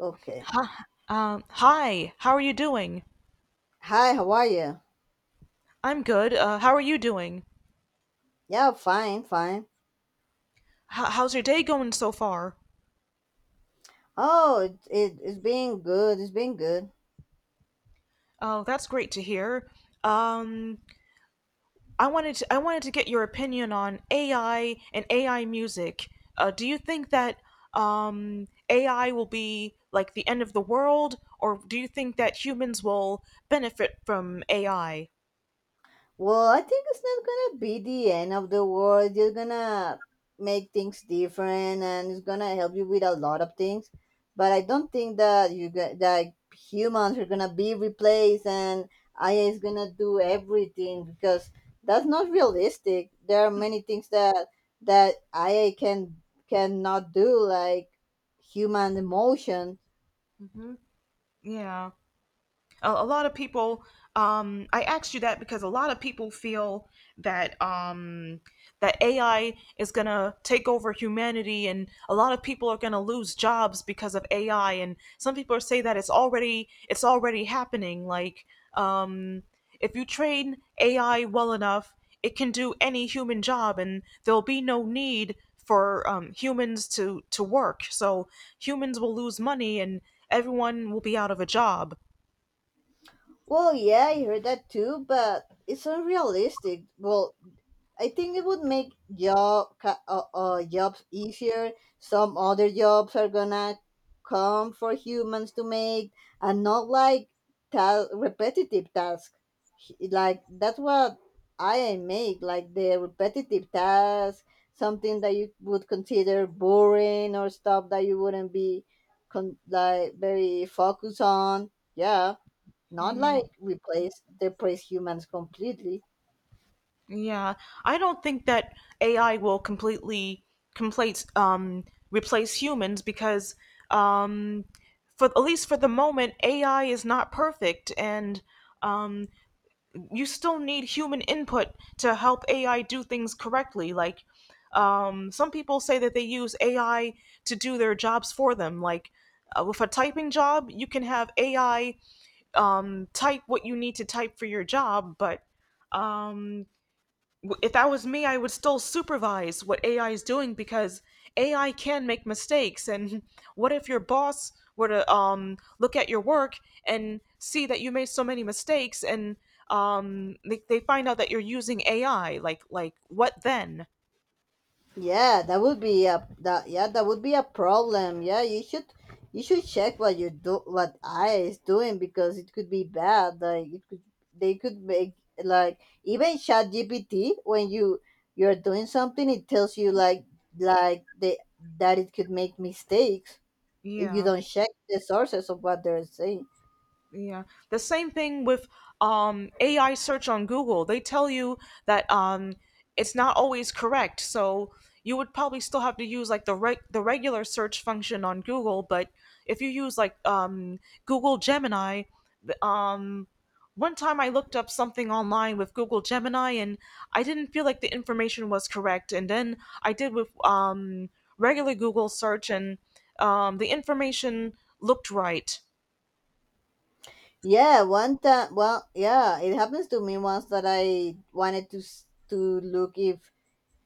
Okay. Hi, how are you doing? Hi, how are you? I'm good. How are you doing? Yeah, fine, fine. How's your day going so far? Oh, it, it's been good. It's been good. Oh, that's great to hear. Um, I wanted to, I wanted to get your opinion on AI and AI music. Do you think that AI will be like the end of the world, or do you think that humans will benefit from AI? Well, I think it's not gonna be the end of the world. You're gonna make things different, and it's gonna help you with a lot of things. But I don't think that you get that humans are gonna be replaced, and AI is gonna do everything because that's not realistic. There are many things that AI cannot do, like human emotion. Yeah. A lot of people I asked you that because a lot of people feel that that ai is going to take over humanity, and a lot of people are going to lose jobs because of ai. And some people say that it's already happening. Like um, if you train ai well enough, it can do any human job, and there'll be no need for humans to work, so humans will lose money and everyone will be out of a job. Well, yeah, I heard that too, but it's unrealistic. Well, I think it would make jobs easier. Some other jobs are gonna come for humans to make, and not like repetitive tasks. Like that's what I make, like the repetitive task, something that you would consider boring or stuff that you wouldn't be like very focused on. Yeah, not like replace humans completely. Yeah, I don't think that AI will completely complete replace humans because um, for at least for the moment, AI is not perfect, and um, you still need human input to help AI do things correctly. Like some people say that they use AI to do their jobs for them. Like with a typing job, you can have AI type what you need to type for your job. But um, if that was me, I would still supervise what AI is doing because AI can make mistakes. And what if your boss were to look at your work and see that you made so many mistakes, and they find out that you're using AI? Like what then? Yeah, that would be a problem. Yeah, you should check what you do what I is doing because it could be bad. Like it could they could make like even Chat GPT when you're doing something it tells you like they that it could make mistakes if you Yeah. don't check the sources of what they're saying. Yeah. The same thing with AI search on Google. They tell you that it's not always correct. So you would probably still have to use like the regular search function on Google. But if you use like Google Gemini, th- um, one time I looked up something online with Google Gemini, and I didn't feel like the information was correct. And then I did with regular Google search, and the information looked right. Yeah, one time well yeah, it happens to me once that I wanted to look if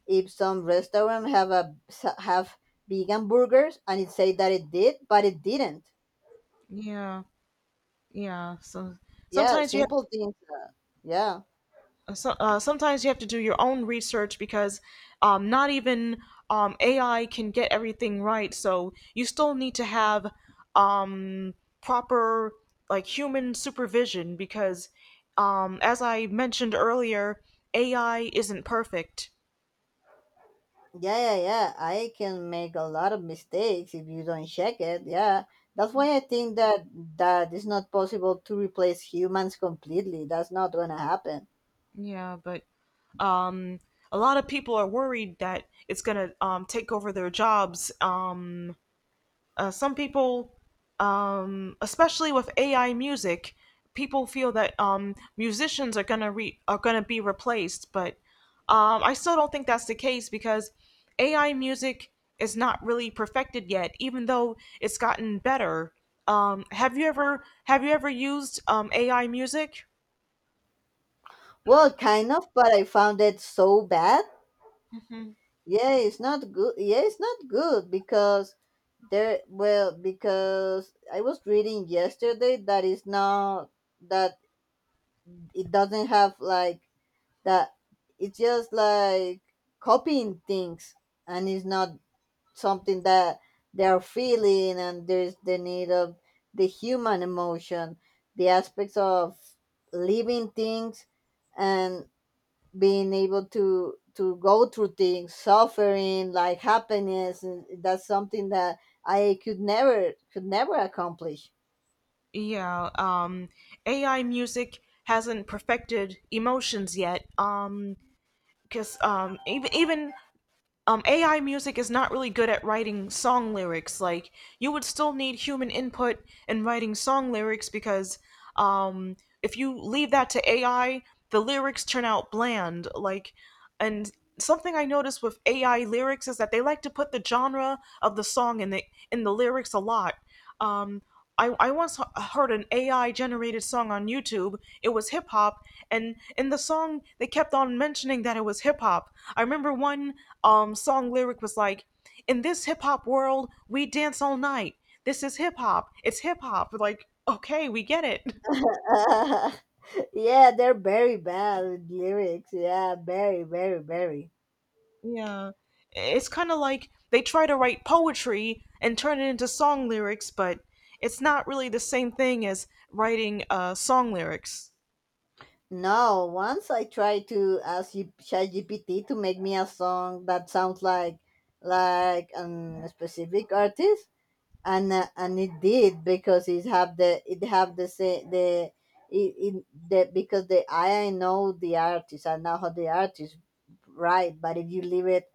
some restaurant have a have vegan burgers and it say that it did but it didn't. Yeah. Yeah, so Yeah, sometimes you have simple things. yeah so, sometimes you have to do your own research because not even AI can get everything right. So you still need to have um, proper, like, human supervision because as I mentioned earlier, AI isn't perfect. Yeah I can make a lot of mistakes if you don't check it. Yeah, that's why I think that it's not possible to replace humans completely. That's not gonna happen. Yeah, but um, a lot of people are worried that it's gonna take over their jobs. Some people, especially with AI music, people feel that musicians are gonna be replaced. But I still don't think that's the case because AI music is not really perfected yet, even though it's gotten better. Have you ever used AI music? Well, kind of, but I found it so bad. Yeah, it's not good. Yeah, it's not good because I was reading yesterday that that it doesn't have like that. It's just like copying things, and it's not something that they are feeling, and there's the need of the human emotion, the aspects of living things, and being able to go through things suffering like happiness, and that's something that I could never accomplish. Yeah, AI music hasn't perfected emotions yet. Because even even AI music is not really good at writing song lyrics. Like, you would still need human input in writing song lyrics because if you leave that to AI, the lyrics turn out bland. Like, and something I noticed with AI lyrics is that they like to put the genre of the song in the lyrics a lot. Um, I once heard an AI generated song on YouTube. It was hip hop, and in the song they kept on mentioning that it was hip hop. I remember one song lyric was like, "In this hip hop world, we dance all night. This is hip hop. It's hip hop." Like, okay, we get it. Yeah, they're very bad with lyrics. Yeah, very, very, very. Yeah, it's kind of like they try to write poetry and turn it into song lyrics, but it's not really the same thing as writing song lyrics. No once I tried to ask ChatGPT to make me a song that sounds like a specific artist, and it did because it have the say the it, it the because the I know the artist, I know how the artist write. But if you leave it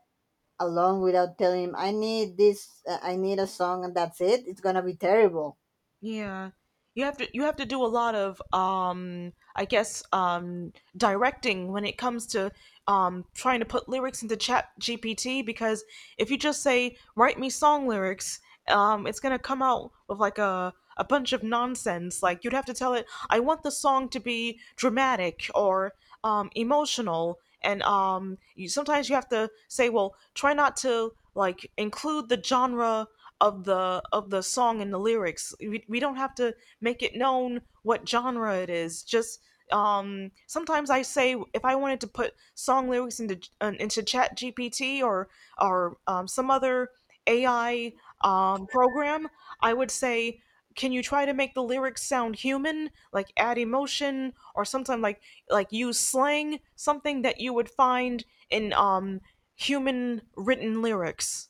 alone without telling him I need this I need a song and that's it, it's gonna be terrible. Yeah. You have to do a lot of I guess directing when it comes to trying to put lyrics into chat GPT because if you just say write me song lyrics, it's going to come out with like a bunch of nonsense. Like, you'd have to tell it I want the song to be dramatic or emotional. And you sometimes you have to say, well, try not to like include the genre of the song in the lyrics. We don't have to make it known what genre it is. Just sometimes I say, if I wanted to put song lyrics into chat gpt or some other ai program, I would say can you try to make the lyrics sound human, like add emotion. Or sometimes, like use slang, something that you would find in human written lyrics.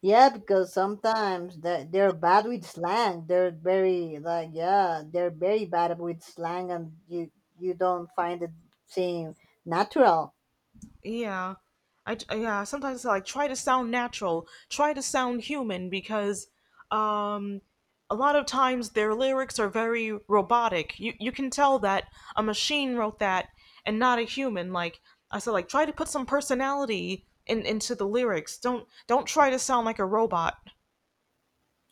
Yeah, because sometimes they're bad with slang. They're very they're very bad with slang, and you don't find it seem natural. Yeah. Sometimes I like try to sound natural, try to sound human because um a lot of times their lyrics are very robotic. You can tell that a machine wrote that and not a human. Like, I said, like try to put some personality in into the lyrics. Don't try to sound like a robot.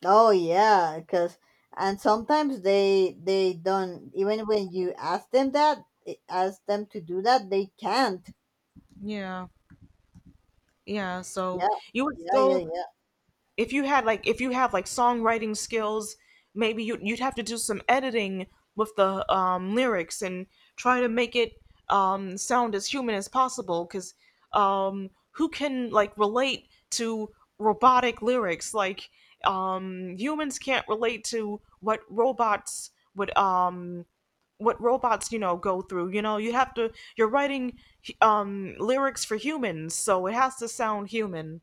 Oh yeah, because and sometimes they don't, even when you ask them ask them to do that, they can't. Yeah. Yeah, so Yeah, you would yeah, yeah, still, yeah. if you had like, if you have like songwriting skills, maybe you'd have to do some editing with the lyrics and try to make it sound as human as possible because who can like relate to robotic lyrics? Like humans can't relate to what robots would what robots, you know, go through. You know, you have to, you're writing lyrics for humans, so it has to sound human.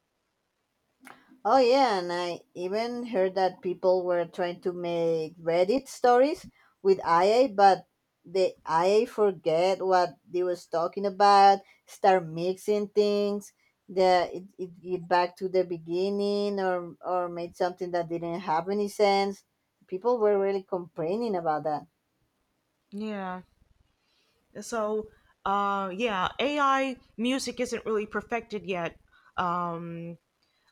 Oh yeah, and I even heard that people were trying to make Reddit stories with IA, but the IA forget what they was talking about, start mixing things, the it, it it back to the beginning, or made something that didn't have any sense. People were really complaining about that. yeah. So, yeah, AI music isn't really perfected yet. Um,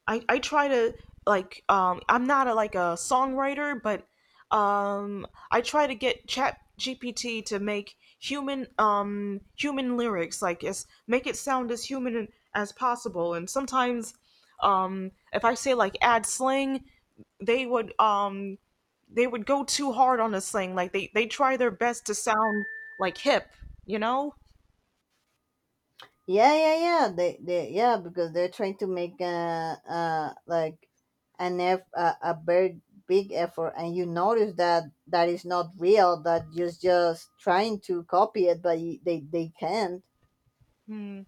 I try to like I'm not a, like a songwriter, but I try to get Chat GPT to make human human lyrics, like, as make it sound as human as possible. And sometimes, if I say like add slang, they would um they would go too hard on this thing. Like, they try their best to sound like hip, you know. Yeah, yeah, yeah. Yeah, because they're trying to make a, like an eff, a very big effort, and you notice that that is not real. That just trying to copy it, but they can't. Hmm.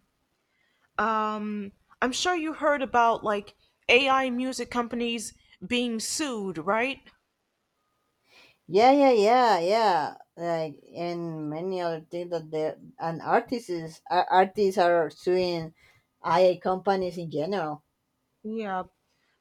Um, I'm sure you heard about like AI music companies being sued, right? Yeah, yeah, yeah, yeah. Like and many other things that they and artists are suing IA companies in general. Yeah,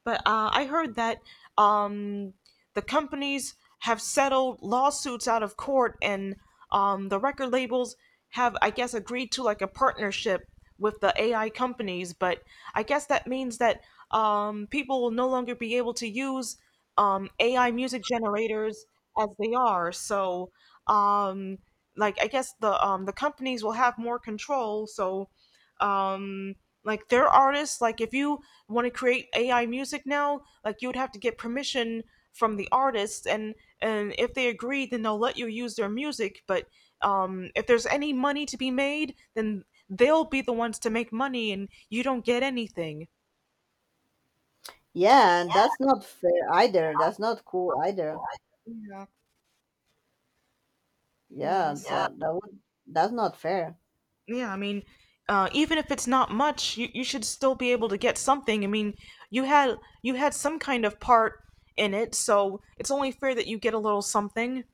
but I heard that um, the companies have settled lawsuits out of court, and the record labels have, I guess, agreed to like a partnership with the AI companies. But I guess that means that people will no longer be able to use AI music generators as they are. So, um, like, I guess the companies will have more control. So um like their artists, like if you want to create AI music now, like you would have to get permission from the artists. And if they agree, then they'll let you use their music. But if there's any money to be made, then they'll be the ones to make money, and you don't get anything. Yeah, and that's not fair either. That's not cool either. Yeah, Yeah, Yeah. that, that would that's not fair. yeah. I mean, even if it's not much, you should still be able to get something. I mean, you had you had some kind of part in it, so it's only fair that you get a little something.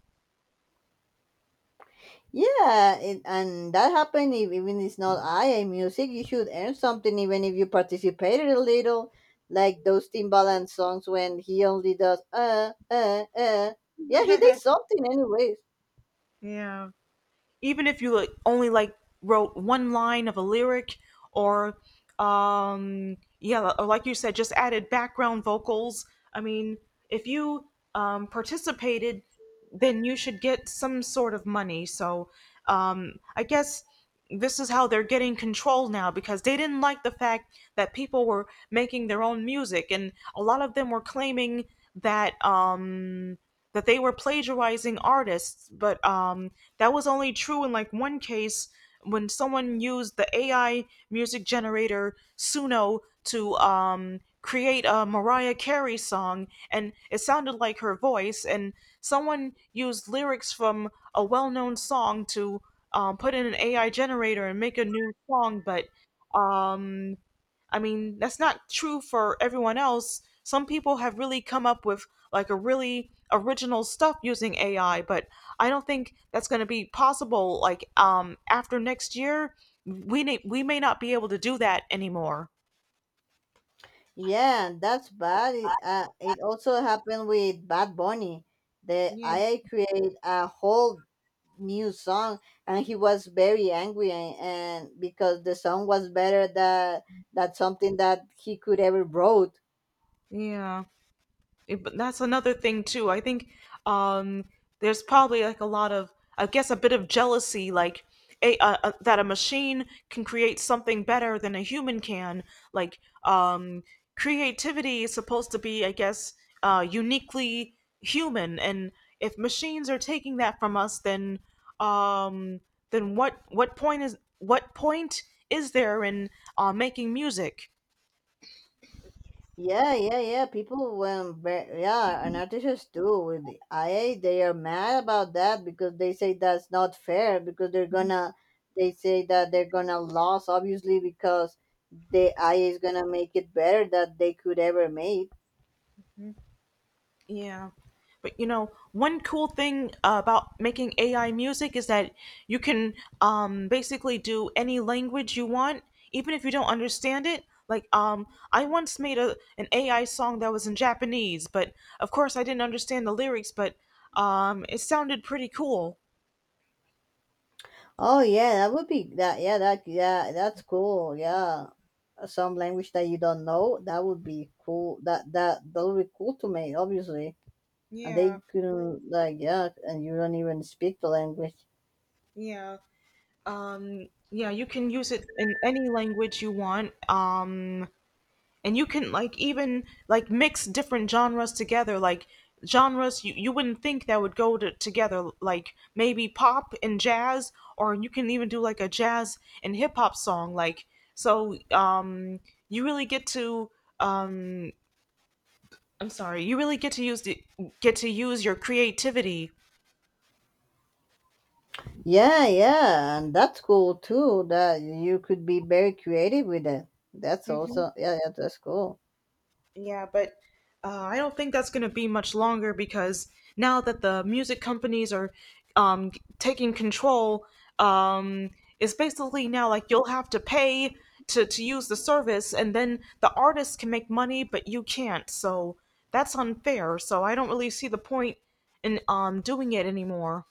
Yeah, it, and that happened if, even it's not IA music. You should earn something even if you participated a little, like those Timbaland songs when he only does uh. Yeah, he did something anyways. Yeah. Even if you like, only like, wrote one line of a lyric or yeah, or like you said, just added background vocals. I mean, if you participated, then you should get some sort of money. So I guess this is how they're getting control now because they didn't like the fact that people were making their own music, and a lot of them were claiming that that they were plagiarizing artists. But that was only true in like one case, when someone used the AI music generator Suno to create a Mariah Carey song, and it sounded like her voice. And someone used lyrics from a well known song to put in an AI generator and make a new song. But um, I mean, that's not true for everyone else. Some people have really come up with like a really original stuff using AI. But I don't think that's going to be possible. Like after next year, we may not be able to do that anymore. Yeah, that's bad. It, it also happened with Bad Bunny. The Yeah, IA created a whole new song, and he was very angry, and because the song was better that that something that he could ever wrote. yeah. But that's another thing too. I think um, there's probably like a lot of, I guess, a bit of jealousy. Like that a machine can create something better than a human can. Like um, creativity is supposed to be, I guess, uniquely human. And if machines are taking that from us, um, then what point is there in making music? Yeah, yeah, yeah. People yeah, and artists too with the IA, they are mad about that because they say that's not fair because they say that they're gonna lose obviously because the IA is gonna make it better that they could ever make. Yeah. But you know, one cool thing about making AI music is that you can basically do any language you want, even if you don't understand it. Like, I once made a an AI song that was in Japanese, but of course I didn't understand the lyrics, but it sounded pretty cool. Oh yeah, that would be that yeah, that yeah, that's cool. Yeah. Some language that you don't know, that would be cool. That would be cool to make, obviously. And Yeah, they couldn't like yeah, and you don't even speak the language. yeah. Yeah, you can use it in any language you want. And you can like even like mix different genres together, like genres you wouldn't think that would go together, like maybe pop and jazz, or you can even do like a jazz and hip hop song, like, so you really get to, um I'm sorry, you really get to use your creativity. Yeah, yeah, and that's cool too. That you could be very creative with it. That's also yeah, yeah, that's cool. Yeah, but I don't think that's going to be much longer because now that the music companies are taking control, um, it's basically now like you'll have to pay to use the service, and then the artists can make money, but you can't. So that's unfair. So I don't really see the point in doing it anymore.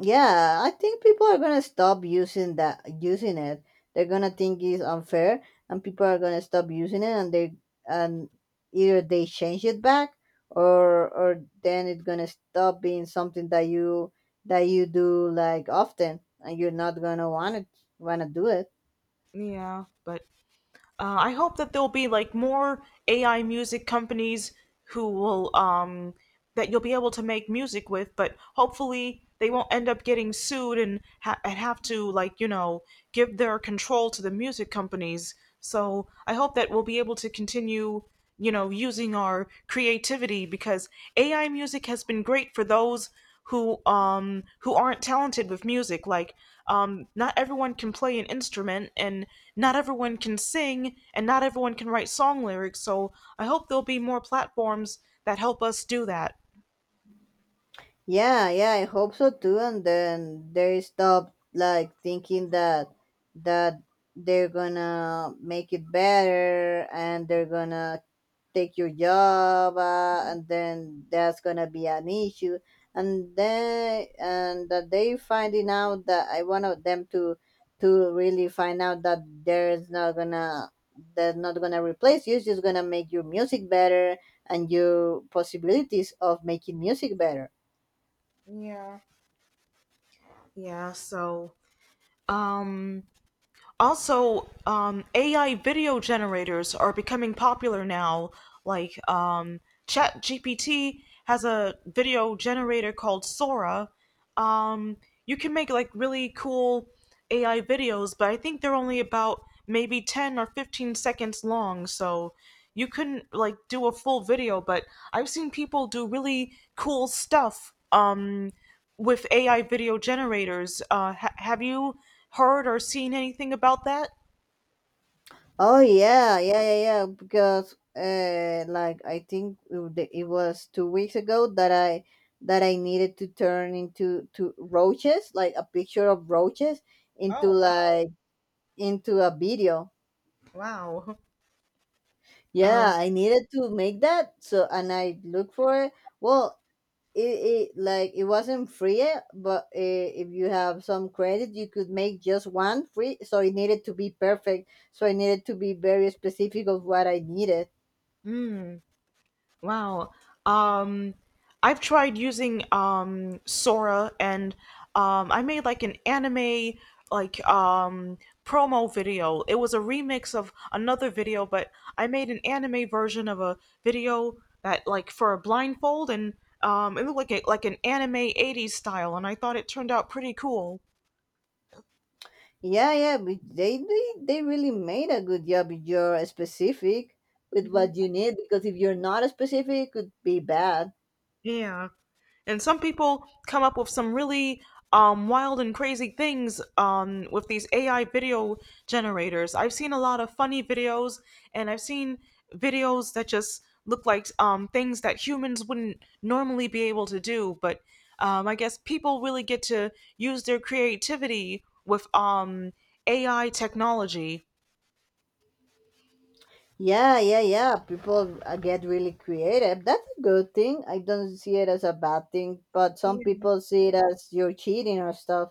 Yeah, I think people are gonna stop using it. They're gonna think it's unfair, and people are gonna stop using it, and either they change it back, or then it's gonna stop being something that you do like often, and you're not gonna want it wanna do it. Yeah, but I hope that there'll be like more AI music companies who will that you'll be able to make music with, but hopefully they won't end up getting sued and and have to, like, give their control to the music companies. So I hope that we'll be able to continue using our creativity because AI music has been great for those who aren't talented with music, like not everyone can play an instrument, and not everyone can sing, and not everyone can write song lyrics, so I hope there'll be more platforms that help us do that. Yeah, yeah, I hope so too. And then they stop like thinking that they're gonna make it better and they're gonna take your job, and then that's gonna be an issue. And that they finding out that I want them to really find out there's not gonna that's not gonna replace you. It's just gonna make your music better and your possibilities of making music better. Yeah. Yeah, so, um also, AI video generators are becoming popular now. Like, ChatGPT has a video generator called Sora. Um, you can make like really cool AI videos, but I think they're only about maybe 10 or 15 seconds long. So you couldn't like do a full video, but I've seen people do really cool stuff. With AI video generators. Have you heard or seen anything about that? Oh yeah, yeah, yeah, yeah. Because like I think it was 2 weeks ago that I needed to turn into to roaches, like a picture of roaches, into Oh, wow, into a video. wow. Yeah, Oh, I needed to make that. So and I looked for it. Well, it wasn't free yet, but if you have some credit, you could make just one free. So it needed to be perfect, so I needed to be very specific of what I needed. wow. Um, I've tried using Sora, and I made like an anime, like, promo video. It was a remix of another video, but I made an anime version of a video, that like for a blindfold, and it looked like an anime 80s style, and I thought it turned out pretty cool. Yeah, yeah, but they they really made a good job if you're specific with what you need, because if you're not specific, it could be bad. Yeah. And some people come up with some really wild and crazy things with these AI video generators. I've seen a lot of funny videos, and I've seen videos that just look like things that humans wouldn't normally be able to do. But I guess people really get to use their creativity with AI technology. Yeah, yeah, yeah. People get really creative. That's a good thing. I don't see it as a bad thing, but some Yeah, people see it as you're cheating or stuff.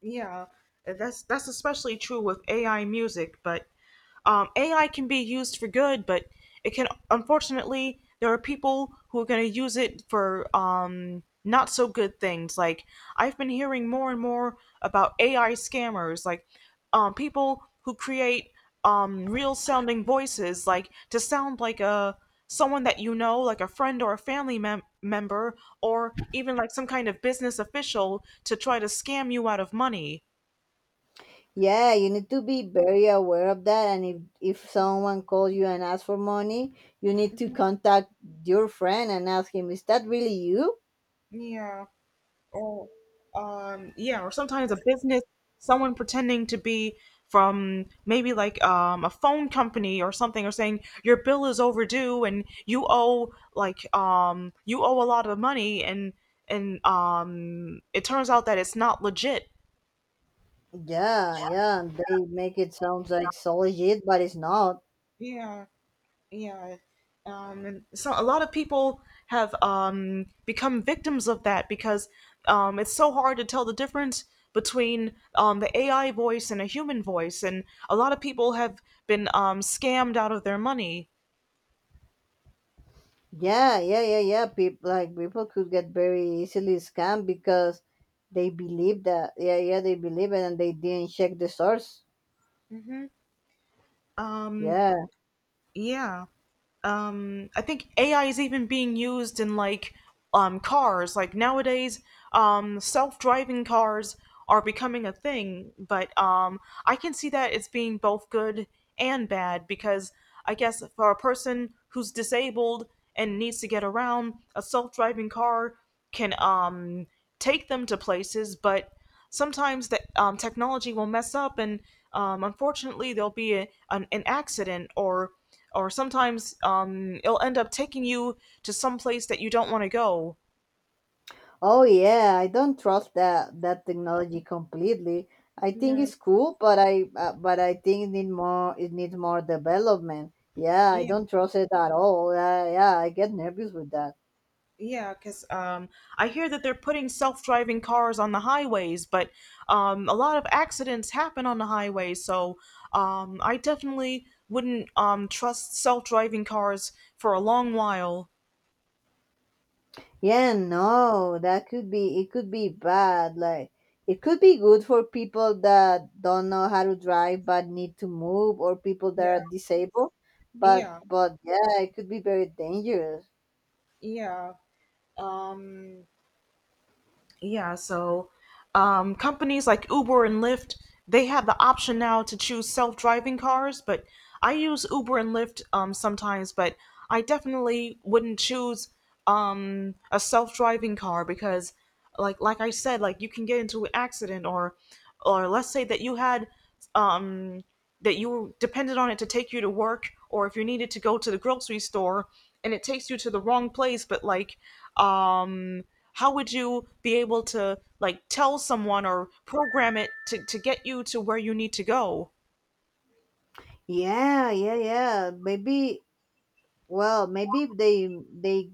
yeah. That's especially true with AI music, but AI can be used for good, but it can unfortunately there are people who are going to use it for not so good things. Like, I've been hearing more and more about AI scammers, like, people who create real sounding voices, like to sound like a someone that you know, like a friend or a family member, or even like some kind of business official to try to scam you out of money. Yeah, you need to be very aware of that. And if someone calls you and asks for money, you need to Mhm. contact your friend and ask him, "Is that really you?" Yeah. Or yeah, or sometimes a business, someone pretending to be from maybe, like, a phone company or something, or saying your bill is overdue, and you owe a lot of money, and it turns out that it's not legit. Yeah, yeah, and they make it sounds like solid shit, but it's not. Yeah. Yeah. Um, so a lot of people have become victims of that because it's so hard to tell the difference between the AI voice and a human voice, and a lot of people have been scammed out of their money. Yeah, yeah, yeah, yeah. People like people could get very easily scammed because they believe that. Yeah, yeah, they believe it and they didn't check the source. Um, Yeah. yeah. I think AI is even being used in, like, cars, like nowadays self-driving cars are becoming a thing, but I can see that it's being both good and bad because I guess for a person who's disabled and needs to get around, a self-driving car can take them to places, but sometimes the technology will mess up, and unfortunately, there'll be an accident, or sometimes it'll end up taking you to some place that you don't want to go. Oh yeah, I don't trust that technology completely. I think Yeah, it's cool, but I think it needs more development. Yeah, I yeah, don't trust it at all. Yeah, yeah, I get nervous with that. yeah. Because I hear that they're putting self-driving cars on the highways, but a lot of accidents happen on the highways. So I definitely wouldn't trust self-driving cars for a long while. Yeah, no, that could be it could be bad. Like it could be good for people that don't know how to drive but need to move, or people that are Yeah, disabled. Yeah, But yeah, it could be very dangerous. yeah. Um, Yeah, so companies like Uber and Lyft, they have the option now to choose self-driving cars, but I use Uber and Lyft sometimes, but I definitely wouldn't choose a self-driving car because, like I said, like you can get into an accident, or let's say that you had, um, that you depended on it to take you to work, or if you needed to go to the grocery store and it takes you to the wrong place, but, like, um how would you be able to like tell someone or program it to get you to where you need to go. Yeah, yeah, yeah. Maybe maybe if they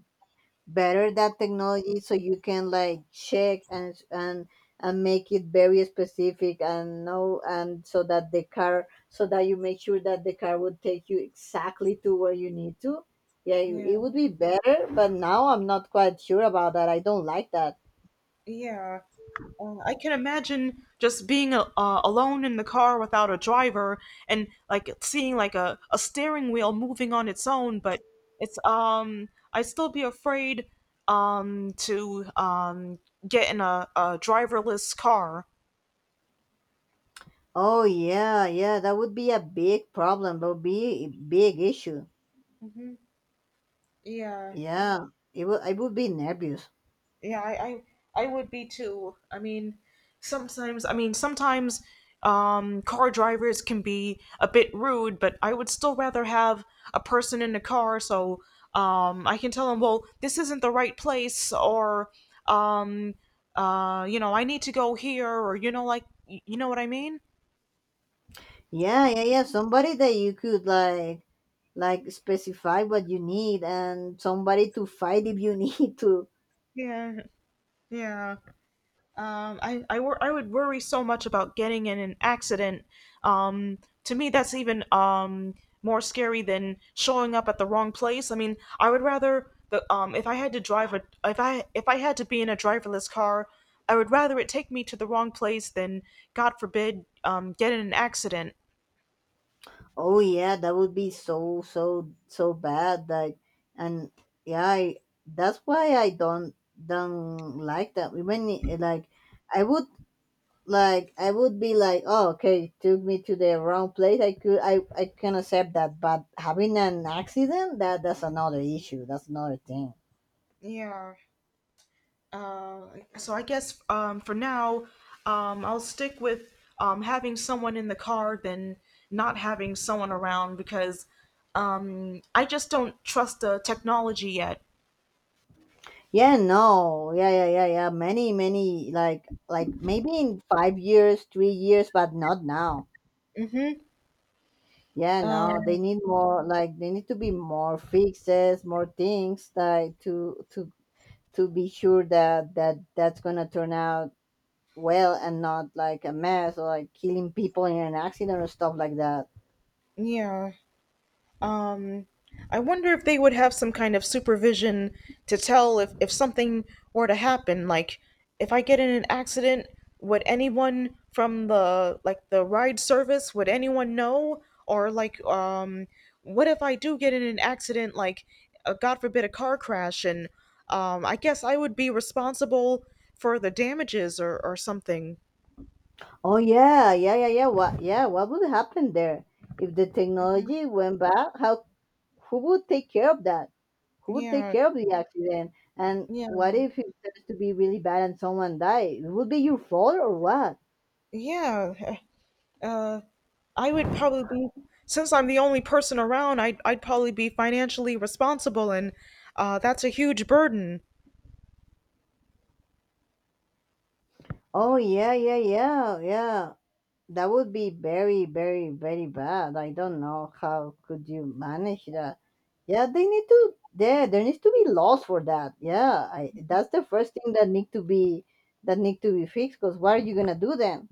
better that technology, so you can like check and and make it very specific and know, and so that you make sure that the car would take you exactly to where you need to. Yeah, it Yeah, would be better, but now I'm not quite sure about that. I don't like that. yeah, I can imagine just being alone in the car without a driver, and like seeing, like, a steering wheel moving on its own, but it's, I'd still be afraid to get in a driverless car. Oh yeah, yeah, that would be a big problem. That would be a big issue. Hmm, yeah. Yeah, it would I would be nervous. Yeah, I would be too. I mean, sometimes, I mean, sometimes, car drivers can be a bit rude, but I would still rather have a person in the car, so I can tell them, well, this isn't the right place, or um I need to go here, or, you know, like, you know what I mean. Yeah, yeah, yeah, somebody that you could specify what you need, and somebody to fight if you need to. Yeah, yeah. I would worry so much about getting in an accident. Um, to me, that's even more scary than showing up at the wrong place. I mean, I would rather the, if I had to drive a, if I had to be in a driverless car, I would rather it take me to the wrong place than, God forbid, get in an accident. Oh yeah, that would be so so so bad. Like and yeah, that's why I don't like that. Even I- like I would Like I would be like, oh okay, took me to the wrong place, I could I can accept that, but having an accident, that's another issue, that's another thing. Yeah. Uh, so I guess, for now, I'll stick with having someone in the car than not having someone around, because I just don't trust the technology yet. Yeah, no. Yeah, yeah, yeah, yeah. Like maybe in 5 years, 3 years, but not now. Yeah, no. Um, They need more, like, they need to be more fixes, more things, like, to to be sure that that's gonna turn out well, and not like a mess or like killing people in an accident or stuff like that. yeah. Um, I wonder if they would have some kind of supervision to tell if something were to happen. Like, if I get in an accident, would anyone from the, like, the ride service, would anyone know? Or, like, what if I do get in an accident, like, God forbid, a car crash, and I guess I would be responsible for the damages, or something. Oh yeah, yeah, yeah, yeah. What? Yeah, what would happen there if the Hmm. technology went bad. How who would take care of that? Who would take Yeah, care of the accident? And yeah, what if it turns to be really bad and someone dies? It would be your fault or what? yeah. Uh, I would probably be, since I'm the only person around, I'd probably be financially responsible, and that's a huge burden. Oh yeah, yeah, yeah, yeah. That would be very, very, very bad. I don't know how could you manage that. Yeah, they need to. There needs to be laws for that. Yeah, that's the first thing that need to be fixed. Because what are you gonna do then?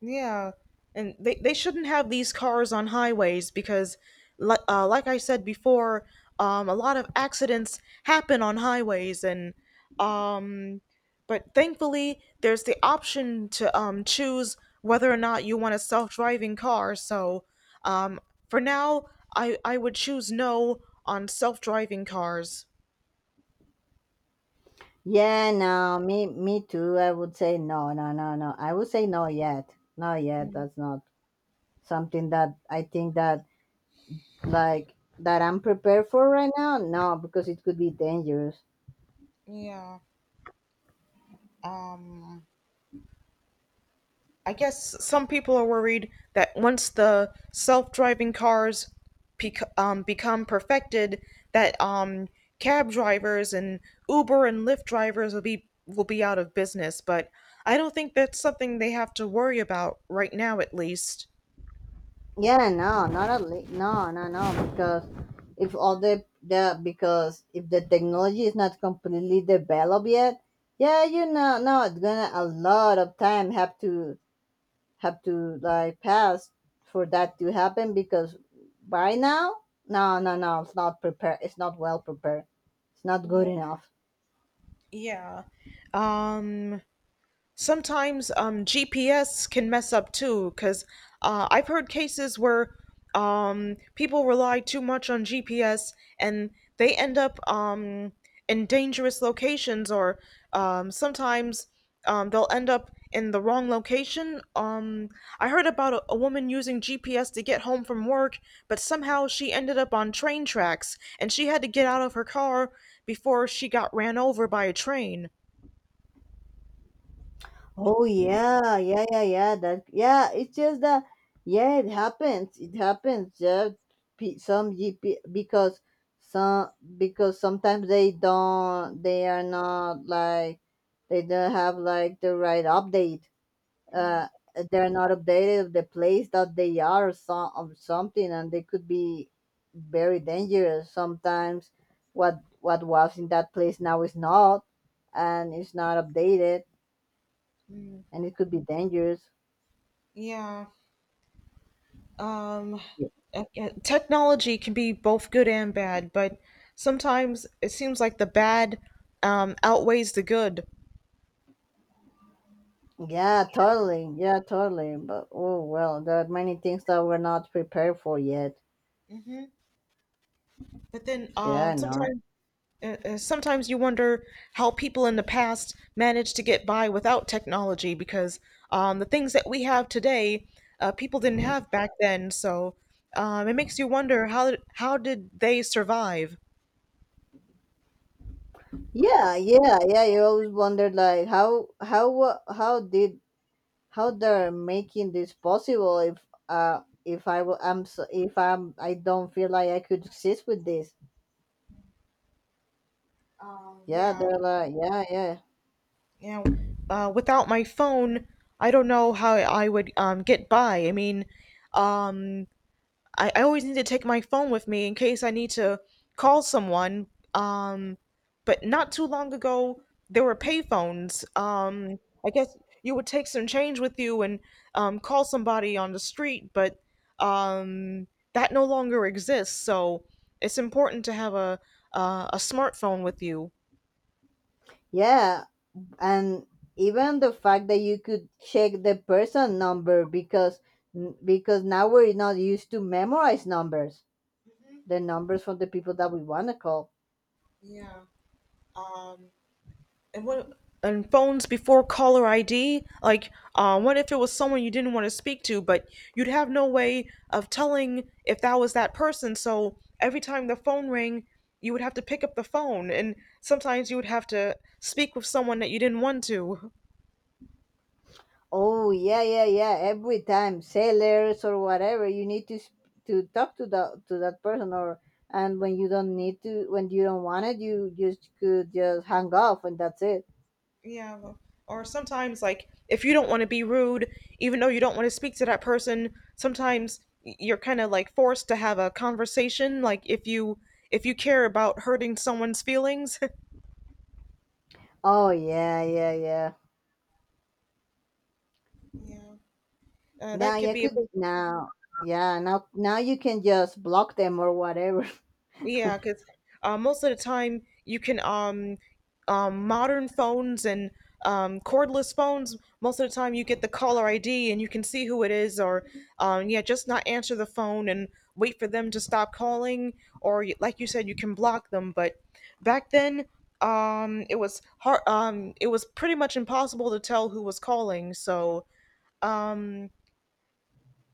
Yeah, and they shouldn't have these cars on highways because, like, like I said before, a lot of accidents happen on highways, and um, but thankfully there's the option to choose whether or not you want a self driving car. So, um, for now, I would choose no on self driving cars. Yeah, no, me too. I would say no, no, no, no. I would say no yet. Not yet. That's not something that I think that like that I'm prepared for right now. No, because it could be dangerous. Yeah. Um. I guess some people are worried that once the self-driving cars become perfected, that cab drivers and Uber and Lyft drivers will be out of business. But I don't think that's something they have to worry about right now, at least. Yeah, no, not at least. No, no, no. Because if all the because if the technology is not completely developed yet, yeah, no, it's gonna a lot of time have to like pass for that to happen because by now, no, no, no, it's not prepared, it's not well prepared, it's not good Yeah. enough. Yeah. Um. Sometimes GPS can mess up too, because, I've heard cases where people rely too much on GPS and they end up in dangerous locations, or sometimes they'll end up in the wrong location. I heard about a woman using GPS to get home from work, but somehow she ended up on train tracks and she had to get out of her car before she got ran over by a train. Oh yeah, yeah, yeah, yeah, that, yeah, it's just that, yeah, it happens, yeah. Some GP because some sometimes they don't have like the right update. uh, they're not updated of the place that they are or some of something, and they could be very dangerous sometimes. What was in that place now is not and it's not updated and it could be dangerous Yeah. Um, Yeah. okay, technology can be both good and bad, but sometimes it seems like the bad outweighs the good. Yeah totally but oh well there are many things that we're not prepared for yet But then, yeah no sometimes you wonder how people in the past managed to get by without technology, because the things that we have today, people didn't have back then. So it makes you wonder, how did they survive? yeah yeah yeah you always wonder like how how did how they're making this possible if I will I'm so, if I'm I don't feel like I could exist with this. Yeah, Yeah, they're like, yeah, yeah. yeah. Without my phone, I don't know how I would get by. I mean, um, I always need to take my phone with me in case I need to call someone. Um, but not too long ago, there were payphones. I guess you would take some change with you and call somebody on the street, but um, that no longer exists. So it's important to have a smartphone with you. Yeah, and even the fact that you could check the person number, because now we're not used to memorize numbers, the numbers from the people that we want to call. Yeah. Um, and what and phones before caller ID? Like, what if it was someone you didn't want to speak to, but you'd have no way of telling if that was that person? So every time the phone rang, you would have to pick up the phone, and sometimes you would have to speak with someone that you didn't want to. Oh yeah, yeah, yeah. Every time sellers or whatever, you need to to talk to the to that person, or and when you don't need to, when you don't want it, you just could just hang up and that's it. Yeah, well, or sometimes like if you don't want to be rude, even though you don't want to speak to that person, sometimes you're kind of like forced to have a conversation. Like if you care about hurting someone's feelings. Oh yeah, yeah, yeah. Yeah. Now That could you be a could big, now Yeah, now you can just block them or whatever. yeah, because most of the time you can modern phones and cordless phones. Most of the time you get the caller ID and you can see who it is, or yeah, just not answer the phone and wait for them to stop calling, or like you said, you can block them. But back then, it was hard. It was pretty much impossible to tell who was calling. So. um,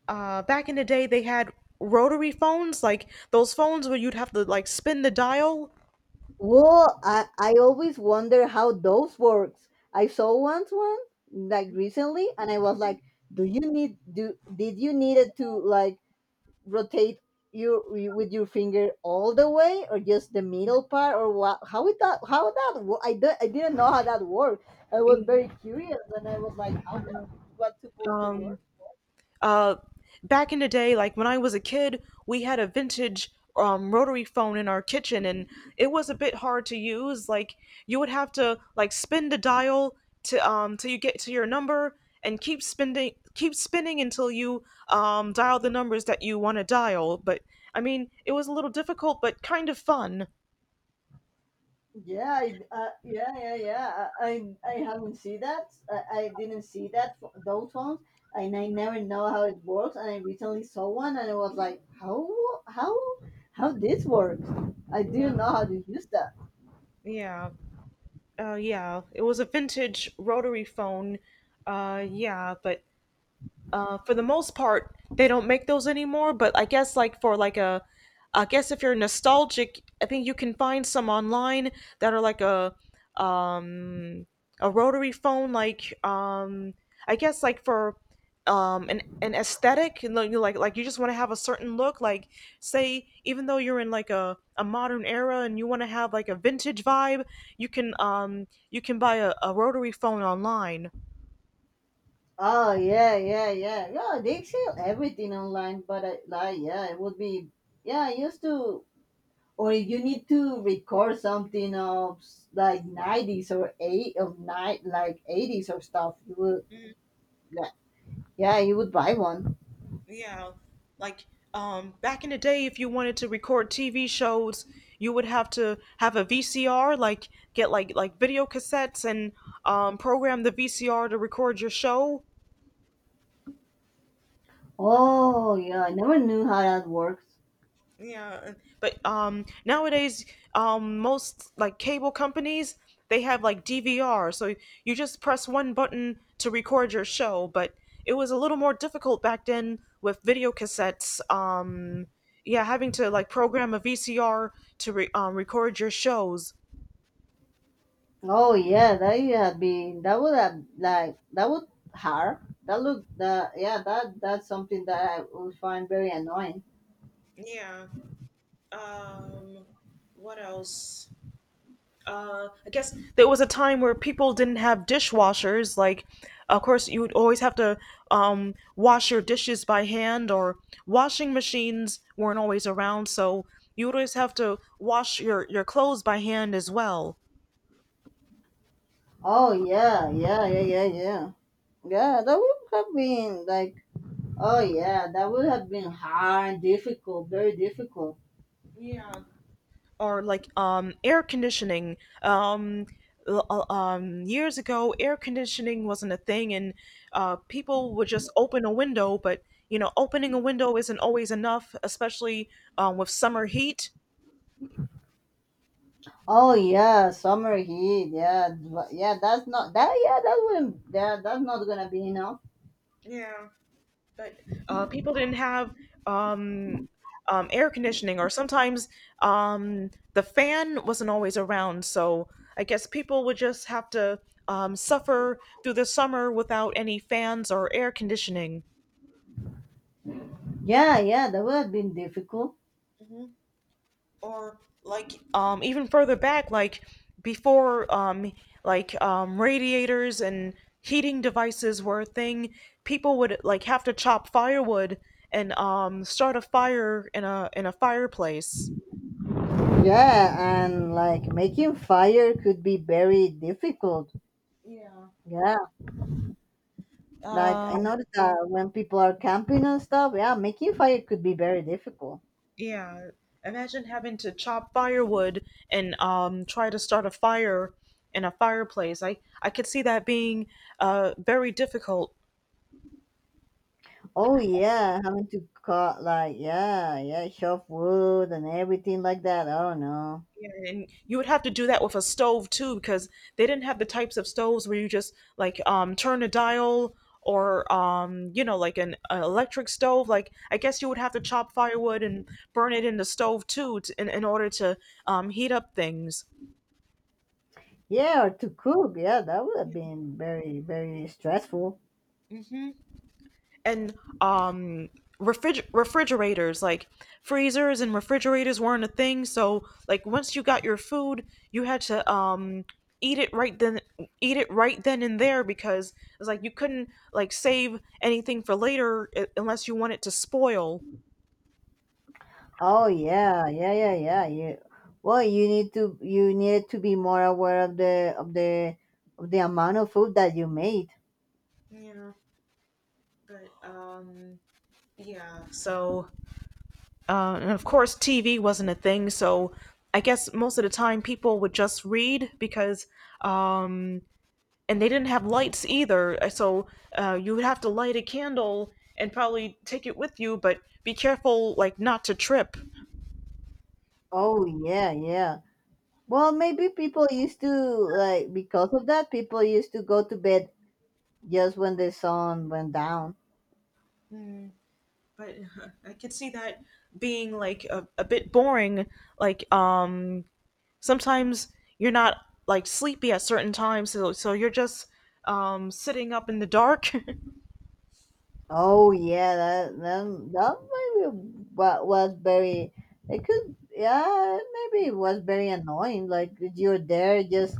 back in the day they had rotary phones, like those phones where you'd have to like spin the dial. Well, I always wonder how those works. I saw once one like recently, and I was like, do you need do did you needed to like rotate you with your finger all the way, or just the middle part, or what how it that how that wo- I didn't know how that worked. I was Mm, very curious and I was like, how that what's supposed to Um, work. uh, Back in the day, like when I was a kid, we had a vintage rotary phone in our kitchen, and it was a bit hard to use. Like you would have to like spin the dial to till you get to your number, and keep spinning until you dial the numbers that you want to dial. But I mean, it was a little difficult, but kind of fun. Yeah, yeah, yeah, yeah, I haven't seen that. I didn't see those ones, and I never know how it works, and I recently saw one and I was like, how, how how this works. I Yeah. didn't know how to use that. Yeah. Yeah, it was a vintage rotary phone. Yeah, but for the most part, they don't make those anymore. But I guess like for I guess if you're nostalgic, I think you can find some online that are like um, a rotary phone. I guess like for an aesthetic and like you like you just want to have a certain look, like say even though you're in like a modern era and you want to have like a vintage vibe. You can you can buy a rotary phone online. Oh yeah, yeah, yeah, yeah. They sell everything online, but I, like, yeah, it would be, yeah, I used to, or if you need to record something like nineties, or eight of night like eighties or stuff, you would, yeah, yeah, you would buy one. Yeah, like back in the day if you wanted to record TV shows, you would have to have a VCR, like get like video cassettes and program the VCR to record your show. Oh yeah, I never knew how that works. Yeah, but nowadays most like cable companies they have like DVR, so you just press one button to record your show, but it was a little more difficult back then with video cassettes. Yeah, having to like program a VCR to record your shows. Oh yeah, that would have been that would have like that would hard. That look that Yeah, that's something that I would find very annoying. Yeah. Um, what else? Uh, I guess there was a time where people didn't have dishwashers. Like, of course, you would always have to wash your dishes by hand, or washing machines weren't always around, so you would always have to wash your clothes by hand as well. Oh yeah, yeah, yeah, yeah, yeah. Yeah, that would have been like, oh yeah, that would have been hard, difficult, very difficult. Yeah, or air conditioning. um Years ago air conditioning wasn't a thing and people would just open a window, but you know opening a window isn't always enough, especially with summer heat. Oh yeah, summer heat. Yeah, but yeah, that's not that. Yeah, that wouldn't. Yeah, that's not gonna be enough. Yeah. But people didn't have um air conditioning, or sometimes the fan wasn't always around. So I guess people would just have to suffer through the summer without any fans or air conditioning. Yeah, yeah, that would have been difficult. Mhm. Or even further back, like before radiators and heating devices were a thing, people would like have to chop firewood and start a fire in a fireplace. Yeah, and like making fire could be very difficult. Yeah. Yeah, like Um I noticed that when people are camping and stuff, yeah, making fire could be very difficult. yeah. Imagine having to chop firewood and try to start a fire in a fireplace. I could see that being very difficult. Oh yeah, having to cut like, yeah, yeah, chop wood and everything like that. I don't know. Yeah, and you would have to do that with a stove too, because they didn't have the types of stoves where you just like turn a dial, or you know, like an electric stove. Like I guess you would have to chop firewood and burn it in the stove too, t in order to heat up things. Yeah, or to cook. Yeah, that would have been very, very stressful. Hmm. And um refrigerators, like freezers and refrigerators weren't a thing, so like once you got your food you had to eat it right then eat it right then and there, because it's like you couldn't like save anything for later, unless you want it to spoil. Oh yeah, yeah, yeah, yeah. Well, you need to be more aware of the of the amount of food that you made. Yeah, but yeah, so and of course tv wasn't a thing, so I guess most of the time people would just read, because um and they didn't have lights either. Uh, so you would have to light a candle and probably take it with you, but be careful, like not to trip. Oh yeah, yeah. Well, maybe people used to, like, because of that, people used to go to bed just when the sun went down. Mm, but I could see that being like a bit boring. Like um, Sometimes you're not like sleepy at certain times, so you're just sitting up in the dark. Oh yeah, that maybe was very. It could Yeah, maybe it was very annoying. Like you're there, just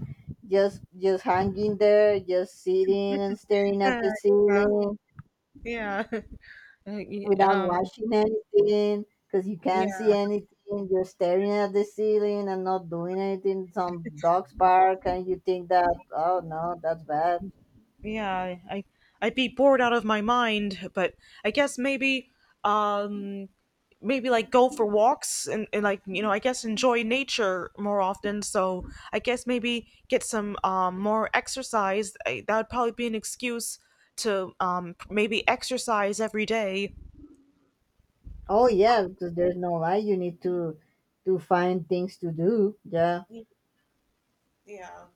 just just hanging there, just sitting and staring at Yeah, the yeah, ceiling yeah. Uh, y- without Um, watching anything because you can't see yeah. anything. You're staring at the ceiling and not doing anything. Some dogs bark, and you think that, oh no, that's bad. Yeah, I I'd be bored out of my mind, but I guess maybe um like go for walks and like you know I guess enjoy nature more often, so I guess maybe get some more exercise. That would probably be an excuse to maybe exercise every day. Oh yeah, because there's no light. You need to find things to do. Yeah. Yeah.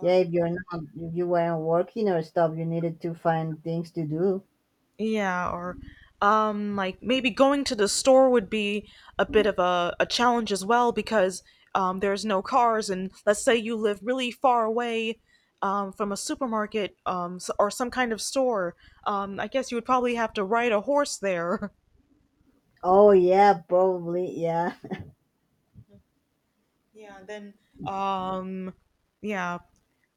Yeah, if you're not, if you weren't working or stuff, you needed to find things to do. yeah, or like maybe going to the store would be a bit of a challenge as well because there's no cars, and let's say you live really far away from a supermarket, or some kind of store. I guess you would probably have to ride a horse there. Oh yeah, probably, yeah. Yeah, and then um yeah,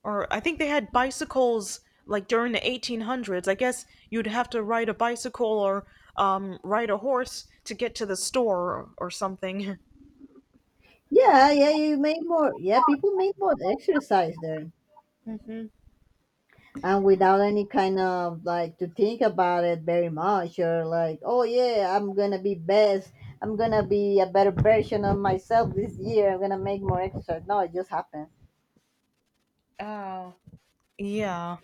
or I think they had bicycles like during the 1800s. I guess you'd have to ride a bicycle or ride a horse to get to the store, or something. Yeah, yeah. You made more. Yeah, people made more exercise there, and without any kind of like to think about it very much, or like, oh yeah, I'm gonna be best. I'm gonna be a better version of myself this year. I'm gonna make more exercise. No, it just happened. Oh, yeah.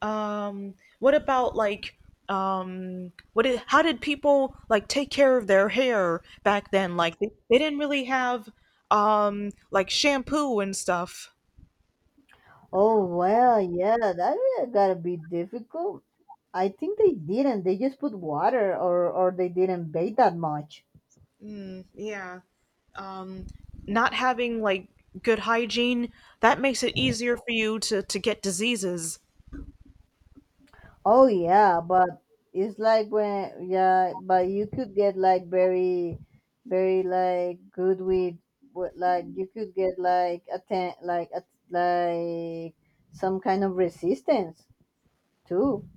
Um, what about what did how did people like take care of their hair back then? Like they didn't really have like shampoo and stuff. Oh well, yeah, that really gotta be difficult. I think they didn't. They just put water, or they didn't bait that much. Mm, yeah. Um, not having like good hygiene, that makes it easier for you to get diseases. Oh yeah, but it's like when, yeah, but you could get like very, very like good with like, you could get like a ten like a, like some kind of resistance too.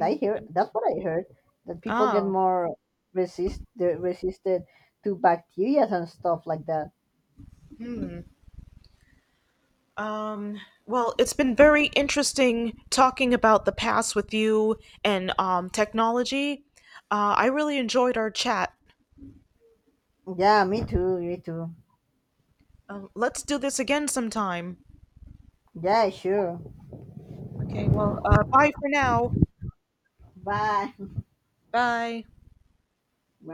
I hear that's what I heard, that people get Oh. more resist they're resisted to bacteria and stuff like that. Um, well it's been very interesting talking about the past with you, and technology. I really enjoyed our chat. Yeah, me too, me too. Um, let's do this again sometime. Yeah, sure. Okay, well bye for now. Bye. Bye. Bye.